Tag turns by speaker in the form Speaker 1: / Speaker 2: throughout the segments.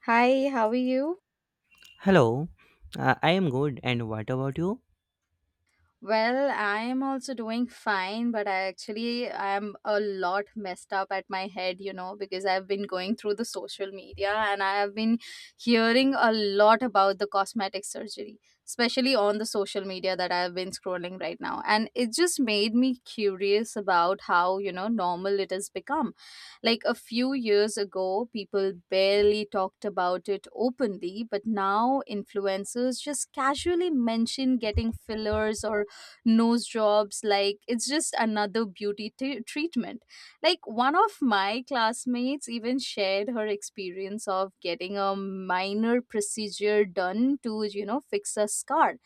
Speaker 1: Hi, how are you?
Speaker 2: Hello, I am good, and what about you?
Speaker 1: Well, I'm also doing fine, but I am a lot messed up at my head, because I've been going through the social media and I have been hearing a lot about the cosmetic surgery, especially on the social media that I've been scrolling right now. And it just made me curious about how normal it has become. Like a few years ago, people barely talked about it openly, but now influencers just casually mention getting fillers or nose jobs like it's just another beauty treatment. Like one of my classmates even shared her experience of getting a minor procedure done to fix a scar,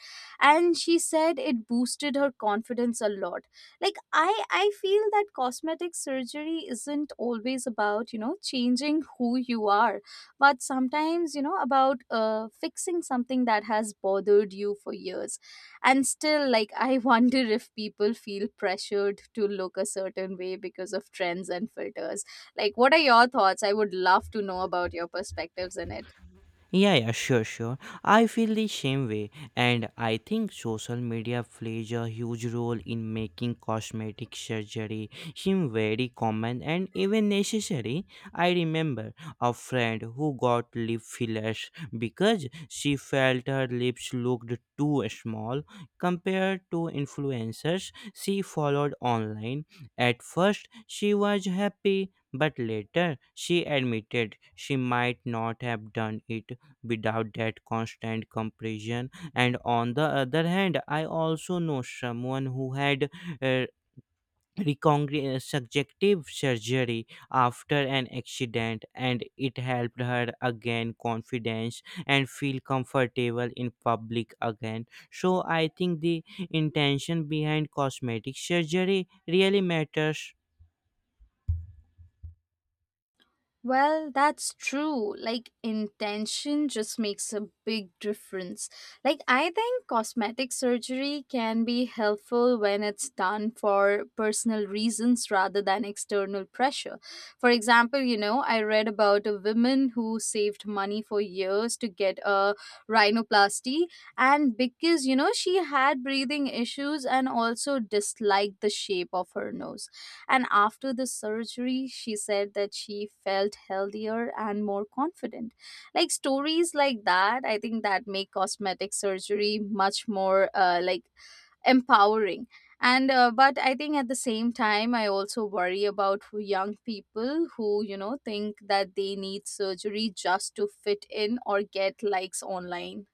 Speaker 1: and she said it boosted her confidence a lot. Like I feel that cosmetic surgery isn't always about changing who you are, but sometimes about fixing something that has bothered you for years. And still, like, I wonder if people feel pressured to look a certain way because of trends and filters. Like, what are your thoughts? I would love to know about your perspectives in it.
Speaker 2: Yeah, yeah, sure, sure. I feel the same way, and I think social media plays a huge role in making cosmetic surgery seem very common and even necessary. I remember a friend who got lip fillers because she felt her lips looked too small compared to influencers she followed online. At first, she was happy, but later she admitted she might not have done it without that constant comparison. And on the other hand, I also know someone who had uh, subjective surgery after an accident, and it helped her again confidence and feel comfortable in public again. So I think the intention behind cosmetic surgery really matters.
Speaker 1: Well, that's true. Like, intention just makes a big difference. Like, I think cosmetic surgery can be helpful when it's done for personal reasons rather than external pressure. For example, you know, I read about a woman who saved money for years to get a rhinoplasty, and because, you know, she had breathing issues and also disliked the shape of her nose. And after the surgery, she said that she felt healthier and more confident. Like stories like that, I think that make cosmetic surgery much more like empowering. And uh, but I think at the same time I also worry about who young people who think that they need surgery just to fit in or get likes online.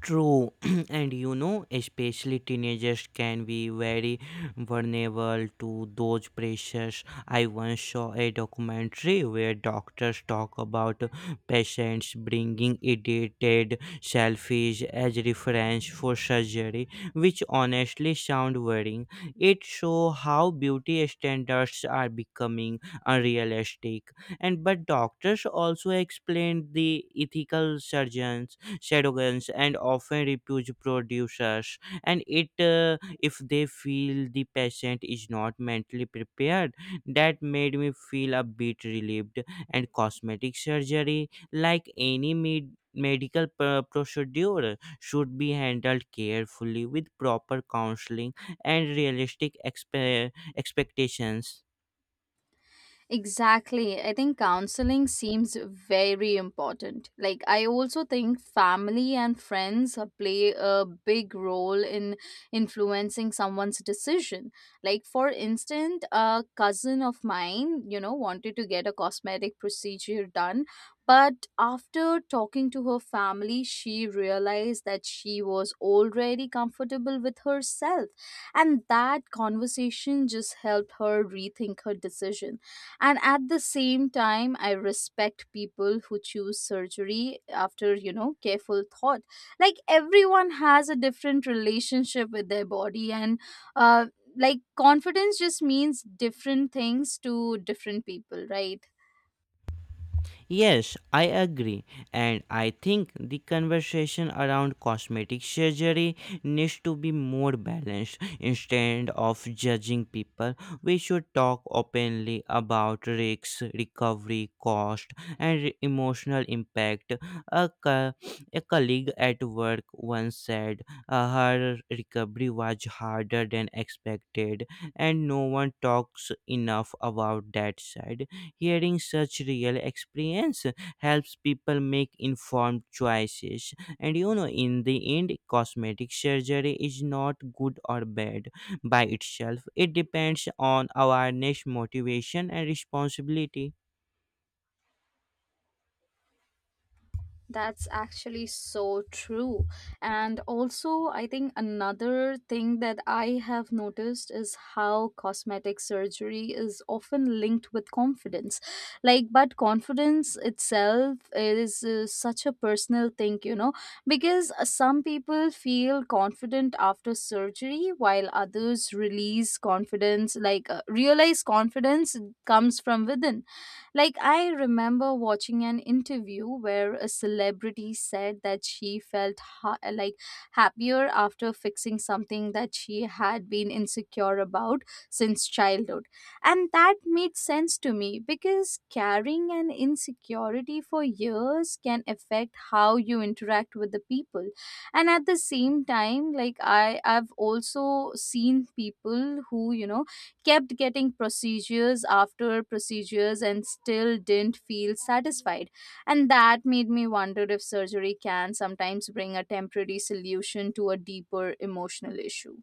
Speaker 2: True, and you know, especially teenagers can be very vulnerable to those pressures. I once saw a documentary where doctors talk about patients bringing edited selfies as reference for surgery, which honestly sound worrying. It shows how beauty standards are becoming unrealistic. And but doctors also explained the ethical surgeons shadowguns and often refuse producers, and it if they feel the patient is not mentally prepared, that made me feel a bit relieved. And cosmetic surgery, like any medical procedure, should be handled carefully with proper counseling and realistic expectations.
Speaker 1: Exactly. I think counseling seems very important. Like, I also think family and friends play a big role in influencing someone's decision. Like, for instance, a cousin of mine, you know, wanted to get a cosmetic procedure done. But after talking to her family, she realized that she was already comfortable with herself. And that conversation just helped her rethink her decision. And at the same time, I respect people who choose surgery after careful thought. Like, everyone has a different relationship with their body and uh, like confidence just means different things to different people, right?
Speaker 2: Yes, I agree. And I think the conversation around cosmetic surgery needs to be more balanced. Instead of judging people, we should talk openly about risks, recovery, cost, and emotional impact. A, co- a colleague at work once said her recovery was harder than expected, and no one talks enough about that side. Hearing such real experience helps people make informed choices. And you know, in the end, cosmetic surgery is not good or bad by itself. It depends on awareness, motivation, and responsibility.
Speaker 1: That's actually so true. And also, I think another thing that I have noticed is how cosmetic surgery is often linked with confidence. Like, but confidence itself is such a personal thing, you know, because some people feel confident after surgery while others release confidence, like, realize confidence comes from within. Like, I remember watching an interview where a celebrity said that she felt like happier after fixing something that she had been insecure about since childhood. And that made sense to me because carrying an insecurity for years can affect how you interact with the people. And at the same time, like, I've also seen people who, you know, kept getting procedures after procedures and still didn't feel satisfied. And that made me wonder if surgery can sometimes bring a temporary solution to a deeper emotional issue.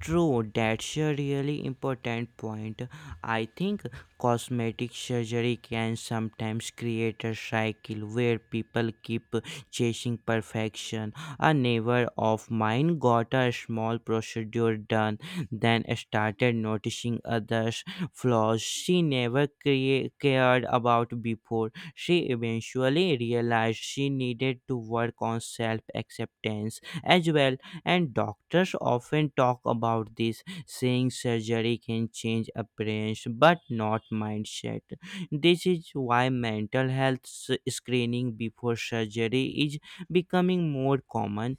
Speaker 2: True, that's a really important point. I think cosmetic surgery can sometimes create a cycle where people keep chasing perfection. A neighbor of mine got a small procedure done, then started noticing others' flaws she never cared about before. She eventually realized she needed to work on self acceptance as well. And doctors often talk about this, saying surgery can change appearance but not mindset. This is why mental health screening before surgery is becoming more common.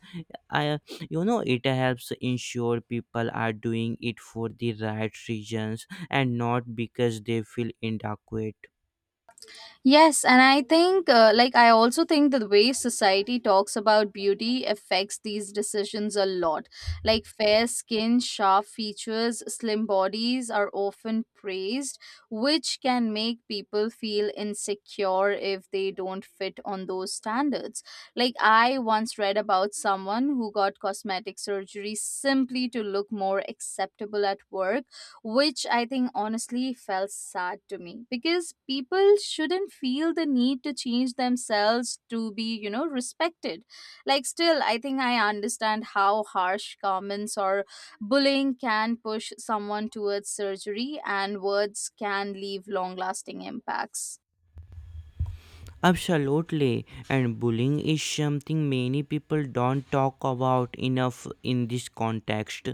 Speaker 2: I, you know, it helps ensure people are doing it for the right reasons and not because they feel inadequate.
Speaker 1: Yes, and I think, like, I also think that the way society talks about beauty affects these decisions a lot. Like, fair skin, sharp features, slim bodies are often praised, which can make people feel insecure if they don't fit on those standards. Like, I once read about someone who got cosmetic surgery simply to look more acceptable at work, which I think honestly felt sad to me because people shouldn't feel the need to change themselves to be, you know, respected. Like, still, I think I understand how harsh comments or bullying can push someone towards surgery, and words can leave long lasting impacts.
Speaker 2: Absolutely, and bullying is something many people don't talk about enough in this context.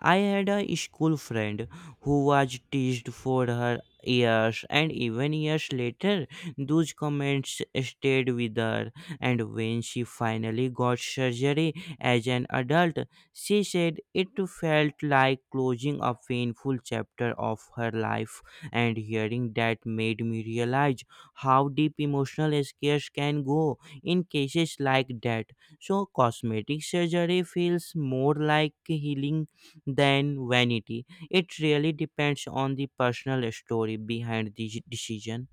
Speaker 2: I had a school friend who was teased for her years, and even years later, those comments stayed with her. And when she finally got surgery as an adult, she said it felt like closing a painful chapter of her life, and hearing that made me realize how deep emotional scares can go in cases like that. So, cosmetic surgery feels more like healing than vanity. It really depends on the personal story behind the decision.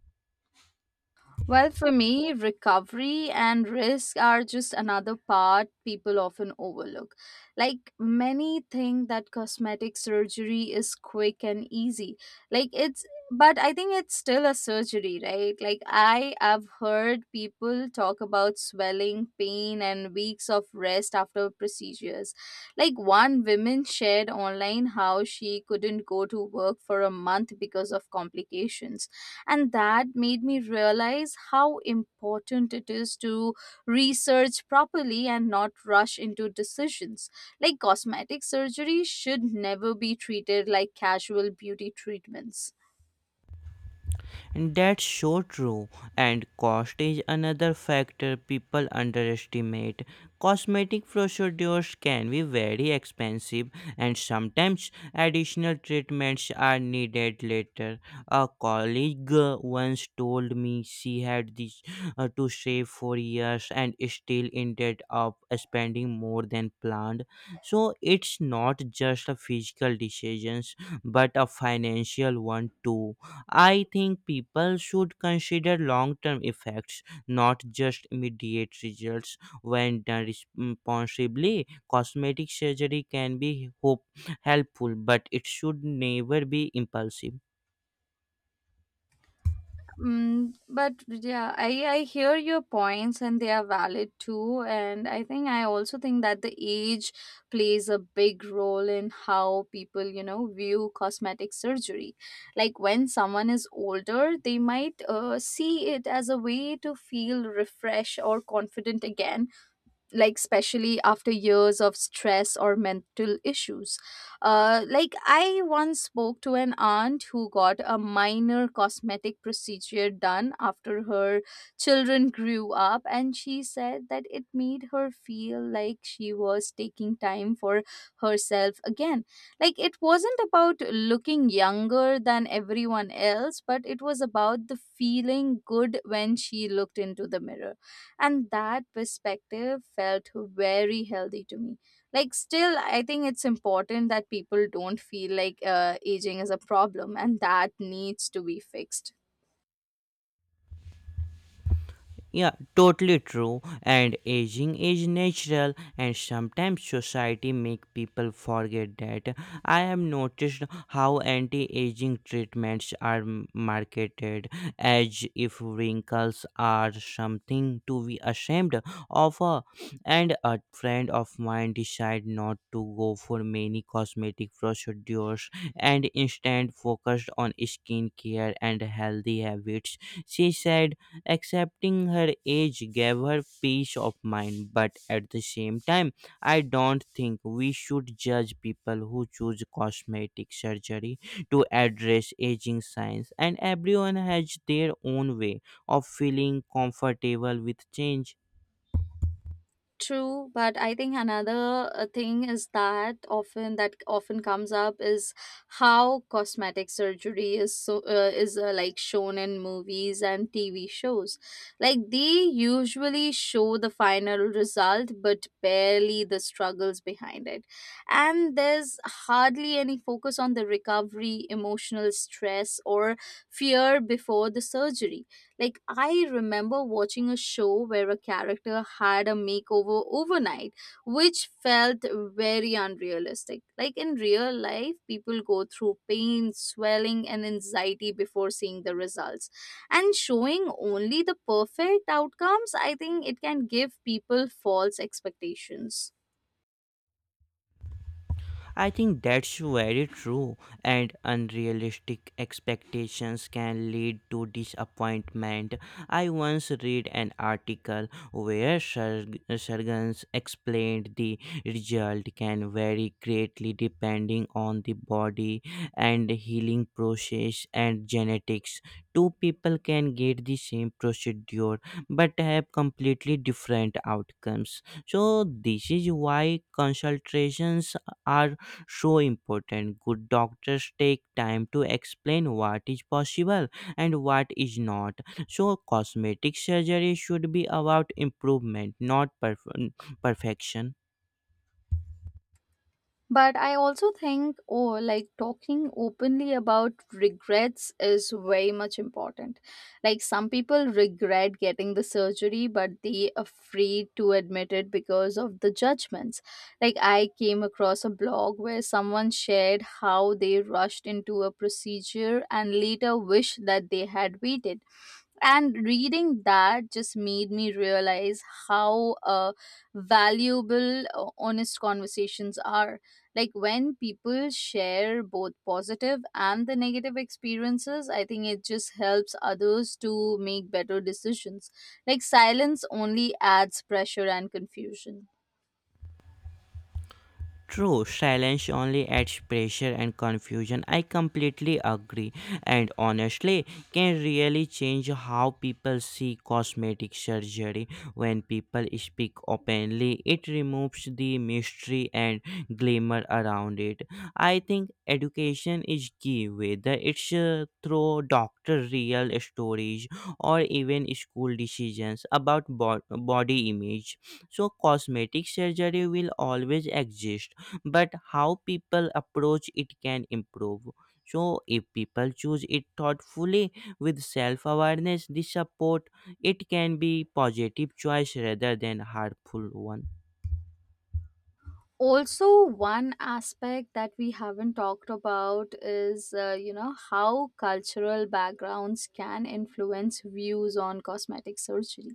Speaker 1: Well, for me, recovery and risk are just another part people often overlook. Like, many think that cosmetic surgery is quick and easy. Like, it's But I think it's still a surgery, right? Like, I have heard people talk about swelling, pain, and weeks of rest after procedures. Like, one woman shared online how she couldn't go to work for a month because of complications, and that made me realize how important it is to research properly and not rush into decisions. Like, cosmetic surgery should never be treated like casual beauty treatments.
Speaker 2: That's so true. And cost is another factor people underestimate. Cosmetic procedures can be very expensive, and sometimes additional treatments are needed later. A colleague once told me she had this, to save for years and still ended up spending more than planned. So it's not just a physical decisions, but a financial one too. I think people should consider long term effects, not just immediate results. When done responsibly, cosmetic surgery can be helpful, but it should never be impulsive.
Speaker 1: Mm, but yeah, I hear your points and they are valid too. And I think I also think that the age plays a big role in how people, you know, view cosmetic surgery. Like, when someone is older, they might see it as a way to feel refreshed or confident again, like especially after years of stress or mental issues. Like, I once spoke to an aunt who got a minor cosmetic procedure done after her children grew up, and she said that it made her feel like she was taking time for herself again. Like, it wasn't about looking younger than everyone else, but it was about the feeling good when she looked into the mirror. And that perspective felt very healthy to me. Like, still, I think it's important that people don't feel like aging is a problem and that needs to be fixed.
Speaker 2: Yeah, totally true. And aging is natural, and sometimes society make people forget that. I have noticed how anti-aging treatments are marketed as if wrinkles are something to be ashamed of. And a friend of mine decided not to go for many cosmetic procedures and instead focused on skincare and healthy habits. She said accepting her age gave her peace of mind, but at the same time, I don't think we should judge people who choose cosmetic surgery to address aging signs, and everyone has their own way of feeling comfortable with change.
Speaker 1: True, but I think another thing is that often comes up is how cosmetic surgery is like shown in movies and TV shows. Like, they usually show the final result, but barely the struggles behind it, and there's hardly any focus on the recovery, emotional stress, or fear before the surgery. Like, I remember watching a show where a character had a makeover overnight, which felt very unrealistic. Like, in real life, people go through pain, swelling, and anxiety before seeing the results. And showing only the perfect outcomes, I think it can give people false expectations.
Speaker 2: I think that's very true, and unrealistic expectations can lead to disappointment. I once read an article where surgeons explained the result can vary greatly depending on the body and healing process and genetics. Two people can get the same procedure but have completely different outcomes. So, this is why consultations are so important. Good doctors take time to explain what is possible and what is not. So, cosmetic surgery should be about improvement, not perfection.
Speaker 1: But I also think, oh, like talking openly about regrets is very much important. Like, some people regret getting the surgery, but they afraid to admit it because of the judgments. Like, I came across a blog where someone shared how they rushed into a procedure and later wished that they had waited, and reading that just made me realize how valuable honest conversations are. Like, when people share both positive and the negative experiences, I think it just helps others to make better decisions. Like, silence only adds pressure and confusion.
Speaker 2: True, silence only adds pressure and confusion. I completely agree. And honestly, can really change how people see cosmetic surgery. When people speak openly, it removes the mystery and glamour around it. I think education is key, whether it's through doctor real stories or even school decisions about body image. So, cosmetic surgery will always exist, but how people approach it can improve. So, if people choose it thoughtfully with self awareness, the support, it can be positive choice rather than harmful one.
Speaker 1: Also, one aspect that we haven't talked about is you know how cultural backgrounds can influence views on cosmetic surgery.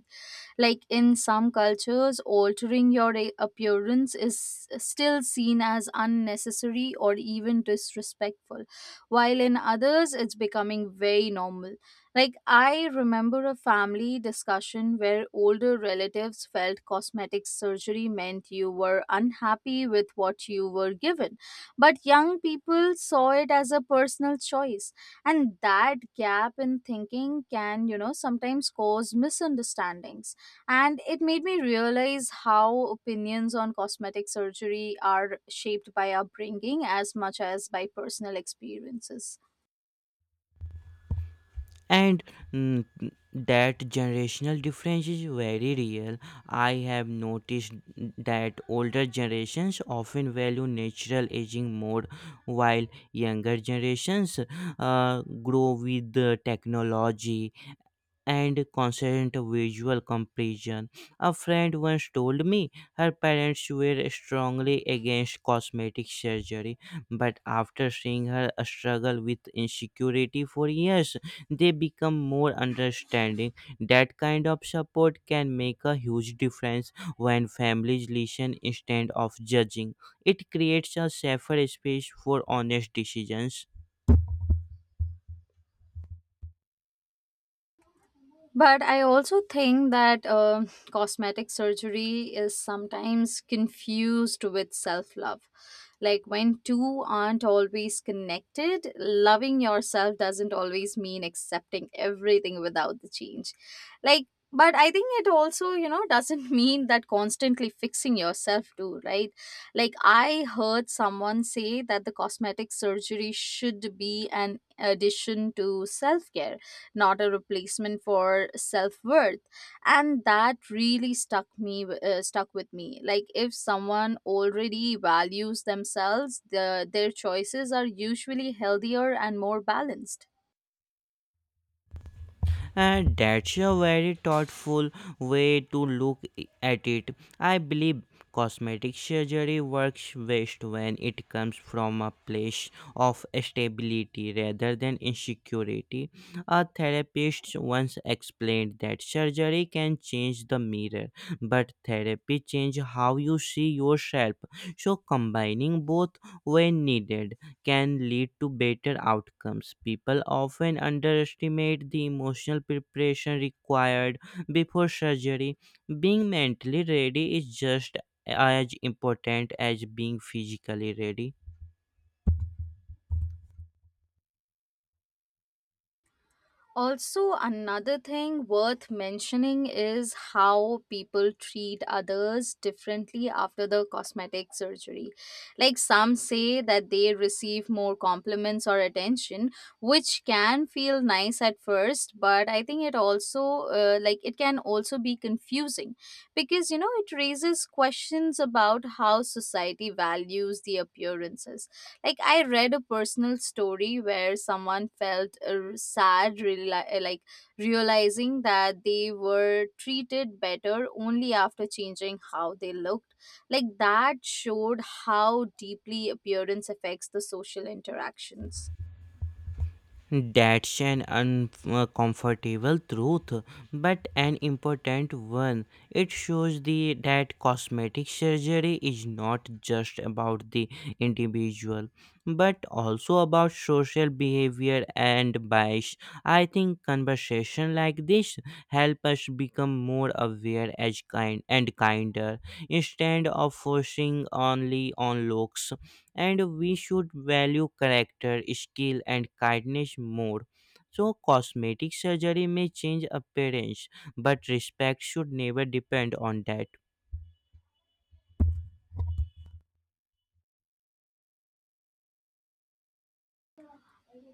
Speaker 1: Like, in some cultures, altering your appearance is still seen as unnecessary or even disrespectful, while in others it's becoming very normal. Like, I remember a family discussion where older relatives felt cosmetic surgery meant you were unhappy with what you were given, but young people saw it as a personal choice. And that gap in thinking can, you know, sometimes cause misunderstandings. And it made me realize how opinions on cosmetic surgery are shaped by upbringing as much as by personal experiences.
Speaker 2: And mm, that generational difference is very real. I have noticed that older generations often value natural aging more, while younger generations grow with the technology and constant visual comparison. A friend once told me her parents were strongly against cosmetic surgery, but after seeing her struggle with insecurity for years, they become more understanding. That kind of support can make a huge difference when families listen instead of judging. It creates a safer space for honest decisions.
Speaker 1: But I also think that cosmetic surgery is sometimes confused with self love. Like, when two aren't always connected, loving yourself doesn't always mean accepting everything without the change. Like, but I think it also, you know, doesn't mean that constantly fixing yourself too, right? Like, I heard someone say that the cosmetic surgery should be an addition to self care, not a replacement for self-worth. And that really stuck with me. Like, if someone already values themselves, their choices are usually healthier and more balanced.
Speaker 2: And that's a very thoughtful way to look at it. I believe cosmetic surgery works best when it comes from a place of stability rather than insecurity. A therapist once explained that surgery can change the mirror, but therapy change how you see yourself. So combining both when needed can lead to better outcomes. People often underestimate the emotional preparation required before surgery. Being mentally ready is just as important as being physically ready.
Speaker 1: Also, another thing worth mentioning is how people treat others differently after the cosmetic surgery. Like, some say that they receive more compliments or attention, which can feel nice at first, but I think it can also be confusing because, you know, it raises questions about how society values the appearances. Like, I read a personal story where someone felt sad, realizing that they were treated better only after changing how they looked. Like, that showed how deeply appearance affects the social interactions.
Speaker 2: That's an uncomfortable truth, but an important one. It shows the that cosmetic surgery is not just about the individual, but also about social behavior and bias. I think conversation like this help us become more aware as kind and kinder instead of forcing only on looks, and we should value character, skill, and kindness more. So, cosmetic surgery may change appearance, but respect should never depend on that.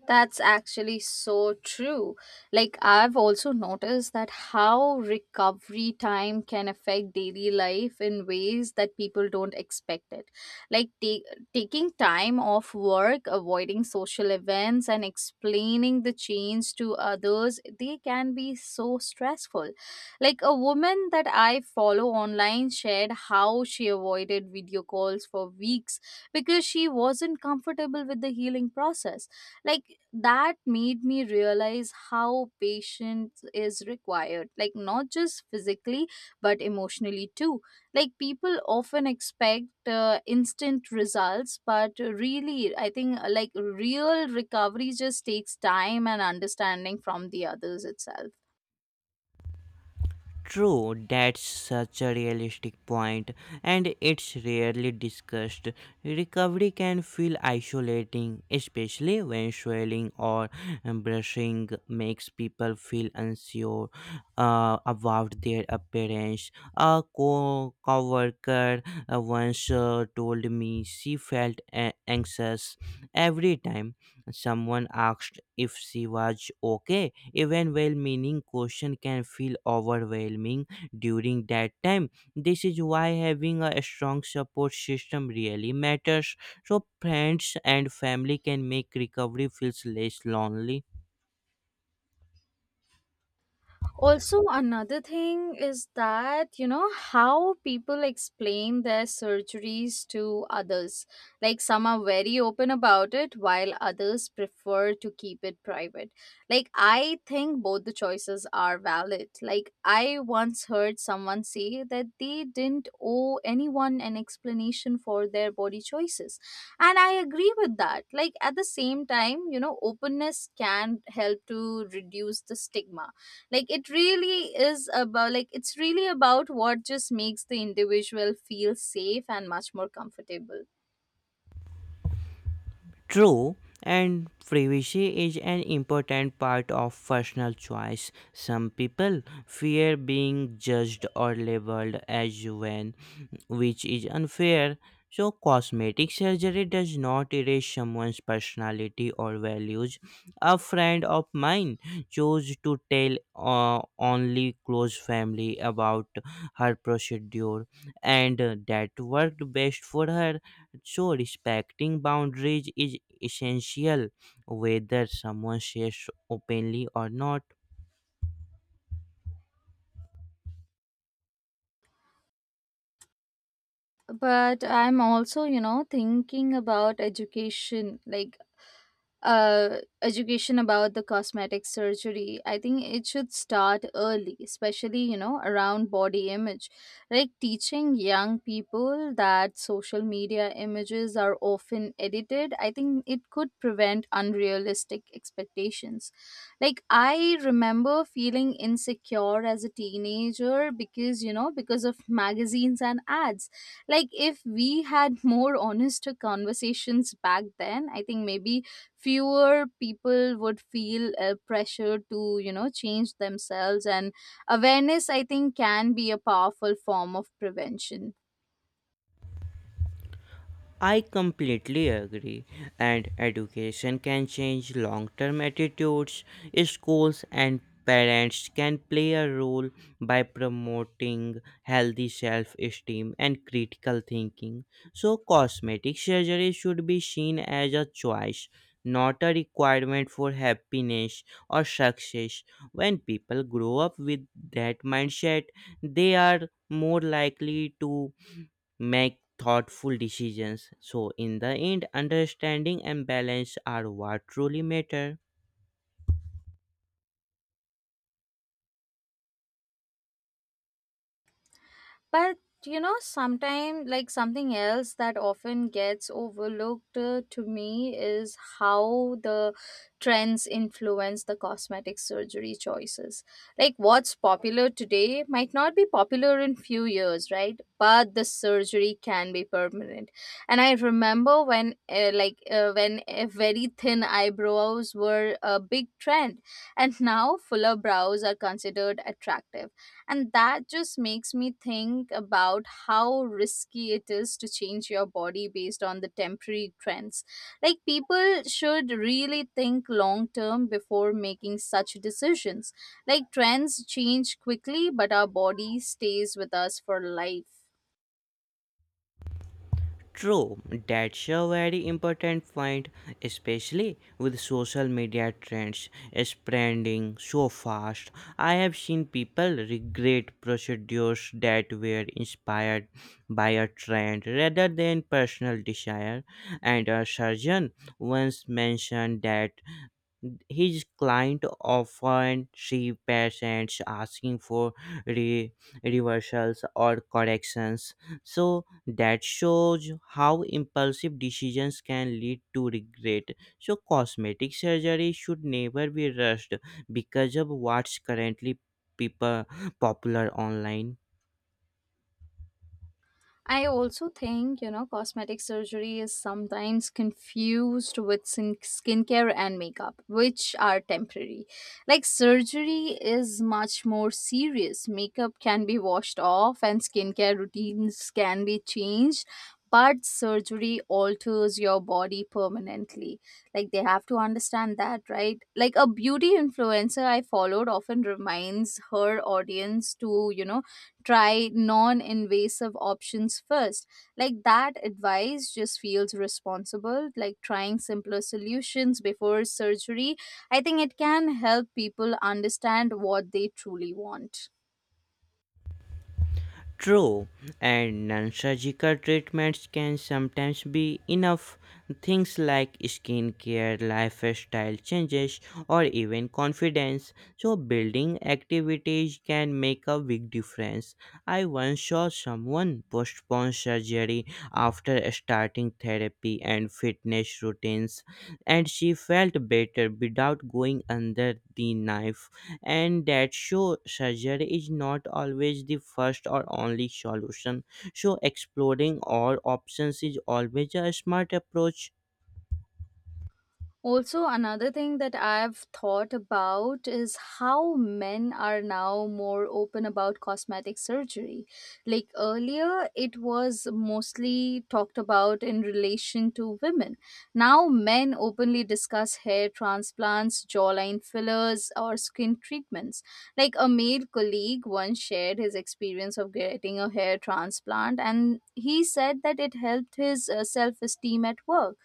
Speaker 1: That's actually so true. Like, I've also noticed that how recovery time can affect daily life in ways that people don't expect it. Like, taking time off work, avoiding social events, and explaining the change to others, they can be so stressful. Like, a woman that I follow online shared how she avoided video calls for weeks because she wasn't comfortable with the healing process, like that made me realize how patience is required, like not just physically but emotionally too. Like people often expect instant results, but really I think like real recovery just takes time and understanding from the others itself.
Speaker 2: True, that's such a realistic point, and it's rarely discussed. Recovery can feel isolating, especially when swelling or brushing makes people feel unsure about their appearance. A co worker once told me she felt anxious every time someone asked if she was okay. Even well meaning question can feel overwhelming during that time. This is why having a strong support system really matters. So friends and family can make recovery feels less lonely.
Speaker 1: Also another thing is that, you know, how people explain their surgeries to others, like some are very open about it while others prefer to keep it private. Like I think both the choices are valid. Like I once heard someone say that they didn't owe anyone an explanation for their body choices, and I agree with that. Like at the same time, you know, openness can help to reduce the stigma. Like it really is about, like it's really about what just makes the individual feel safe and much more comfortable.
Speaker 2: True, and privacy is an important part of personal choice. Some people fear being judged or labeled as when, which is unfair. So, cosmetic surgery does not erase someone's personality or values. A friend of mine chose to tell only close family about her procedure, and that worked best for her. So, respecting boundaries is essential, whether someone says openly or not.
Speaker 1: But I'm also, you know, thinking about education, like education about the cosmetic surgery. I think it should start early, especially, you know, around body image. Like teaching young people that social media images are often edited, I think it could prevent unrealistic expectations. Like I remember feeling insecure as a teenager because, you know, because of magazines and ads. Like if we had more honest conversations back then, I think maybe fewer people would feel pressure to, you know, change themselves. And awareness, I think, can be a powerful form of prevention.
Speaker 2: I completely agree, and education can change long term attitudes. Schools and parents can play a role by promoting healthy self esteem and critical thinking. So, cosmetic surgery should be seen as a choice, not a requirement for happiness or success. When people grow up with that mindset, they are more likely to make thoughtful decisions. So, in the end, understanding and balance are what truly matter.
Speaker 1: But you know, sometimes, like something else that often gets overlooked to me is how the trends influence the cosmetic surgery choices. Like, what's popular today might not be popular in few years, right? But the surgery can be permanent. And I remember when, very thin eyebrows were a big trend, and now fuller brows are considered attractive, and that just makes me think about how risky it is to change your body based on the temporary trends. Like, people should really think long term before making such decisions. Like, trends change quickly, but our body stays with us for life.
Speaker 2: True, that's a very important point, especially with social media trends spreading so fast. I have seen people regret procedures that were inspired by a trend rather than personal desire, and a surgeon once mentioned that his client often see patients asking for re- reversals or corrections. So that shows how impulsive decisions can lead to regret. So cosmetic surgery should never be rushed because of what's currently people popular online.
Speaker 1: I also think, you know, cosmetic surgery is sometimes confused with skincare and makeup, which are temporary. Like, surgery is much more serious. Makeup can be washed off and skincare routines can be changed, but surgery alters your body permanently. Like, they have to understand that, right? Like, a beauty influencer I followed often reminds her audience to, you know, try non invasive options first. Like that advice just feels responsible, like trying simpler solutions before surgery. I think it can help people understand what they truly want.
Speaker 2: True, and non surgical treatments can sometimes be enough. Things like skincare, lifestyle changes, or even confidence. So, building activities can make a big difference. I once saw someone postpone surgery after starting therapy and fitness routines, and she felt better without going under the knife, and that show surgery is not always the first or only solution. So exploring all options is always a smart approach.
Speaker 1: Also, another thing that I've thought about is how men are now more open about cosmetic surgery. Like earlier, it was mostly talked about in relation to women. Now, men openly discuss hair transplants, jawline fillers, or skin treatments. Like a male colleague once shared his experience of getting a hair transplant, and he said that it helped his self esteem at work,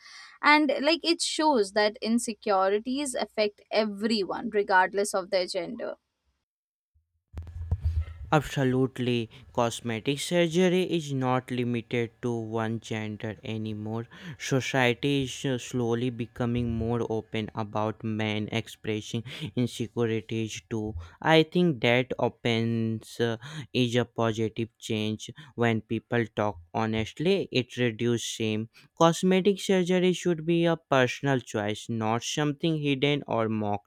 Speaker 1: and like it shows that insecurities affect everyone regardless of their gender.
Speaker 2: Absolutely, cosmetic surgery is not limited to one gender anymore. Society is slowly becoming more open about men expressing insecurities too. I think that opens is a positive change when people talk honestly. It reduces shame. Cosmetic surgery should be a personal choice, not something hidden or mocked.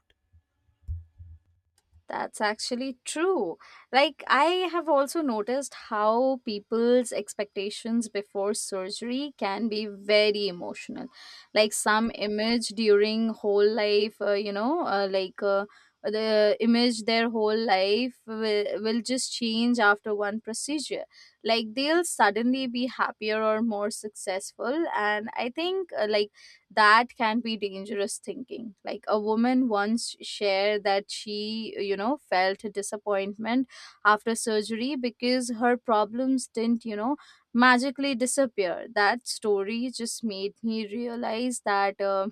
Speaker 1: That's actually true. Like, I have also noticed how people's expectations before surgery can be very emotional. Like, some image during whole life, you know, like the image their whole life will just change after one procedure. Like, they'll suddenly be happier or more successful. And I think, that can be dangerous thinking. Like a woman once shared that she, you know, felt a disappointment after surgery because her problems didn't, you know, magically disappear. That story just made me realize that,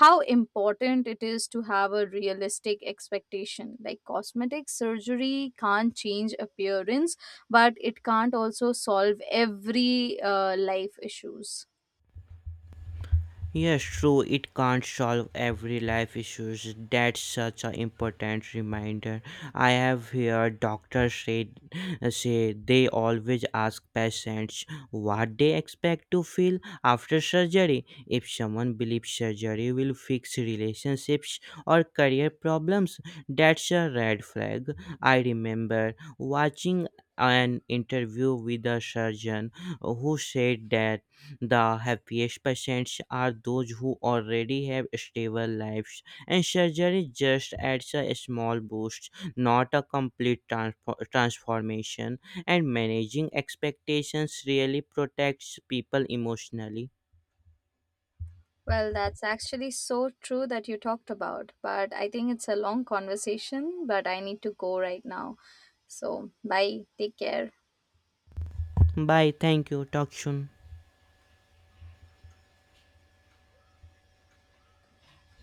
Speaker 1: how important it is to have a realistic expectation. Like cosmetic surgery can't change appearance, but it can't also solve every life issues.
Speaker 2: Yes, true, it can't solve every life issues. That's such an important reminder. I have heard doctors say they always ask patients what they expect to feel after surgery. If someone believes surgery will fix relationships or career problems, that's a red flag. I remember watching an interview with a surgeon who said that the happiest patients are those who already have stable lives, and surgery just adds a small boost, not a complete transformation. And managing expectations really protects people emotionally.
Speaker 1: Well, that's actually so true that you talked about, but I think it's a long conversation, but I need to go right now. So, bye. Take care.
Speaker 2: Bye, thank you, talk soon.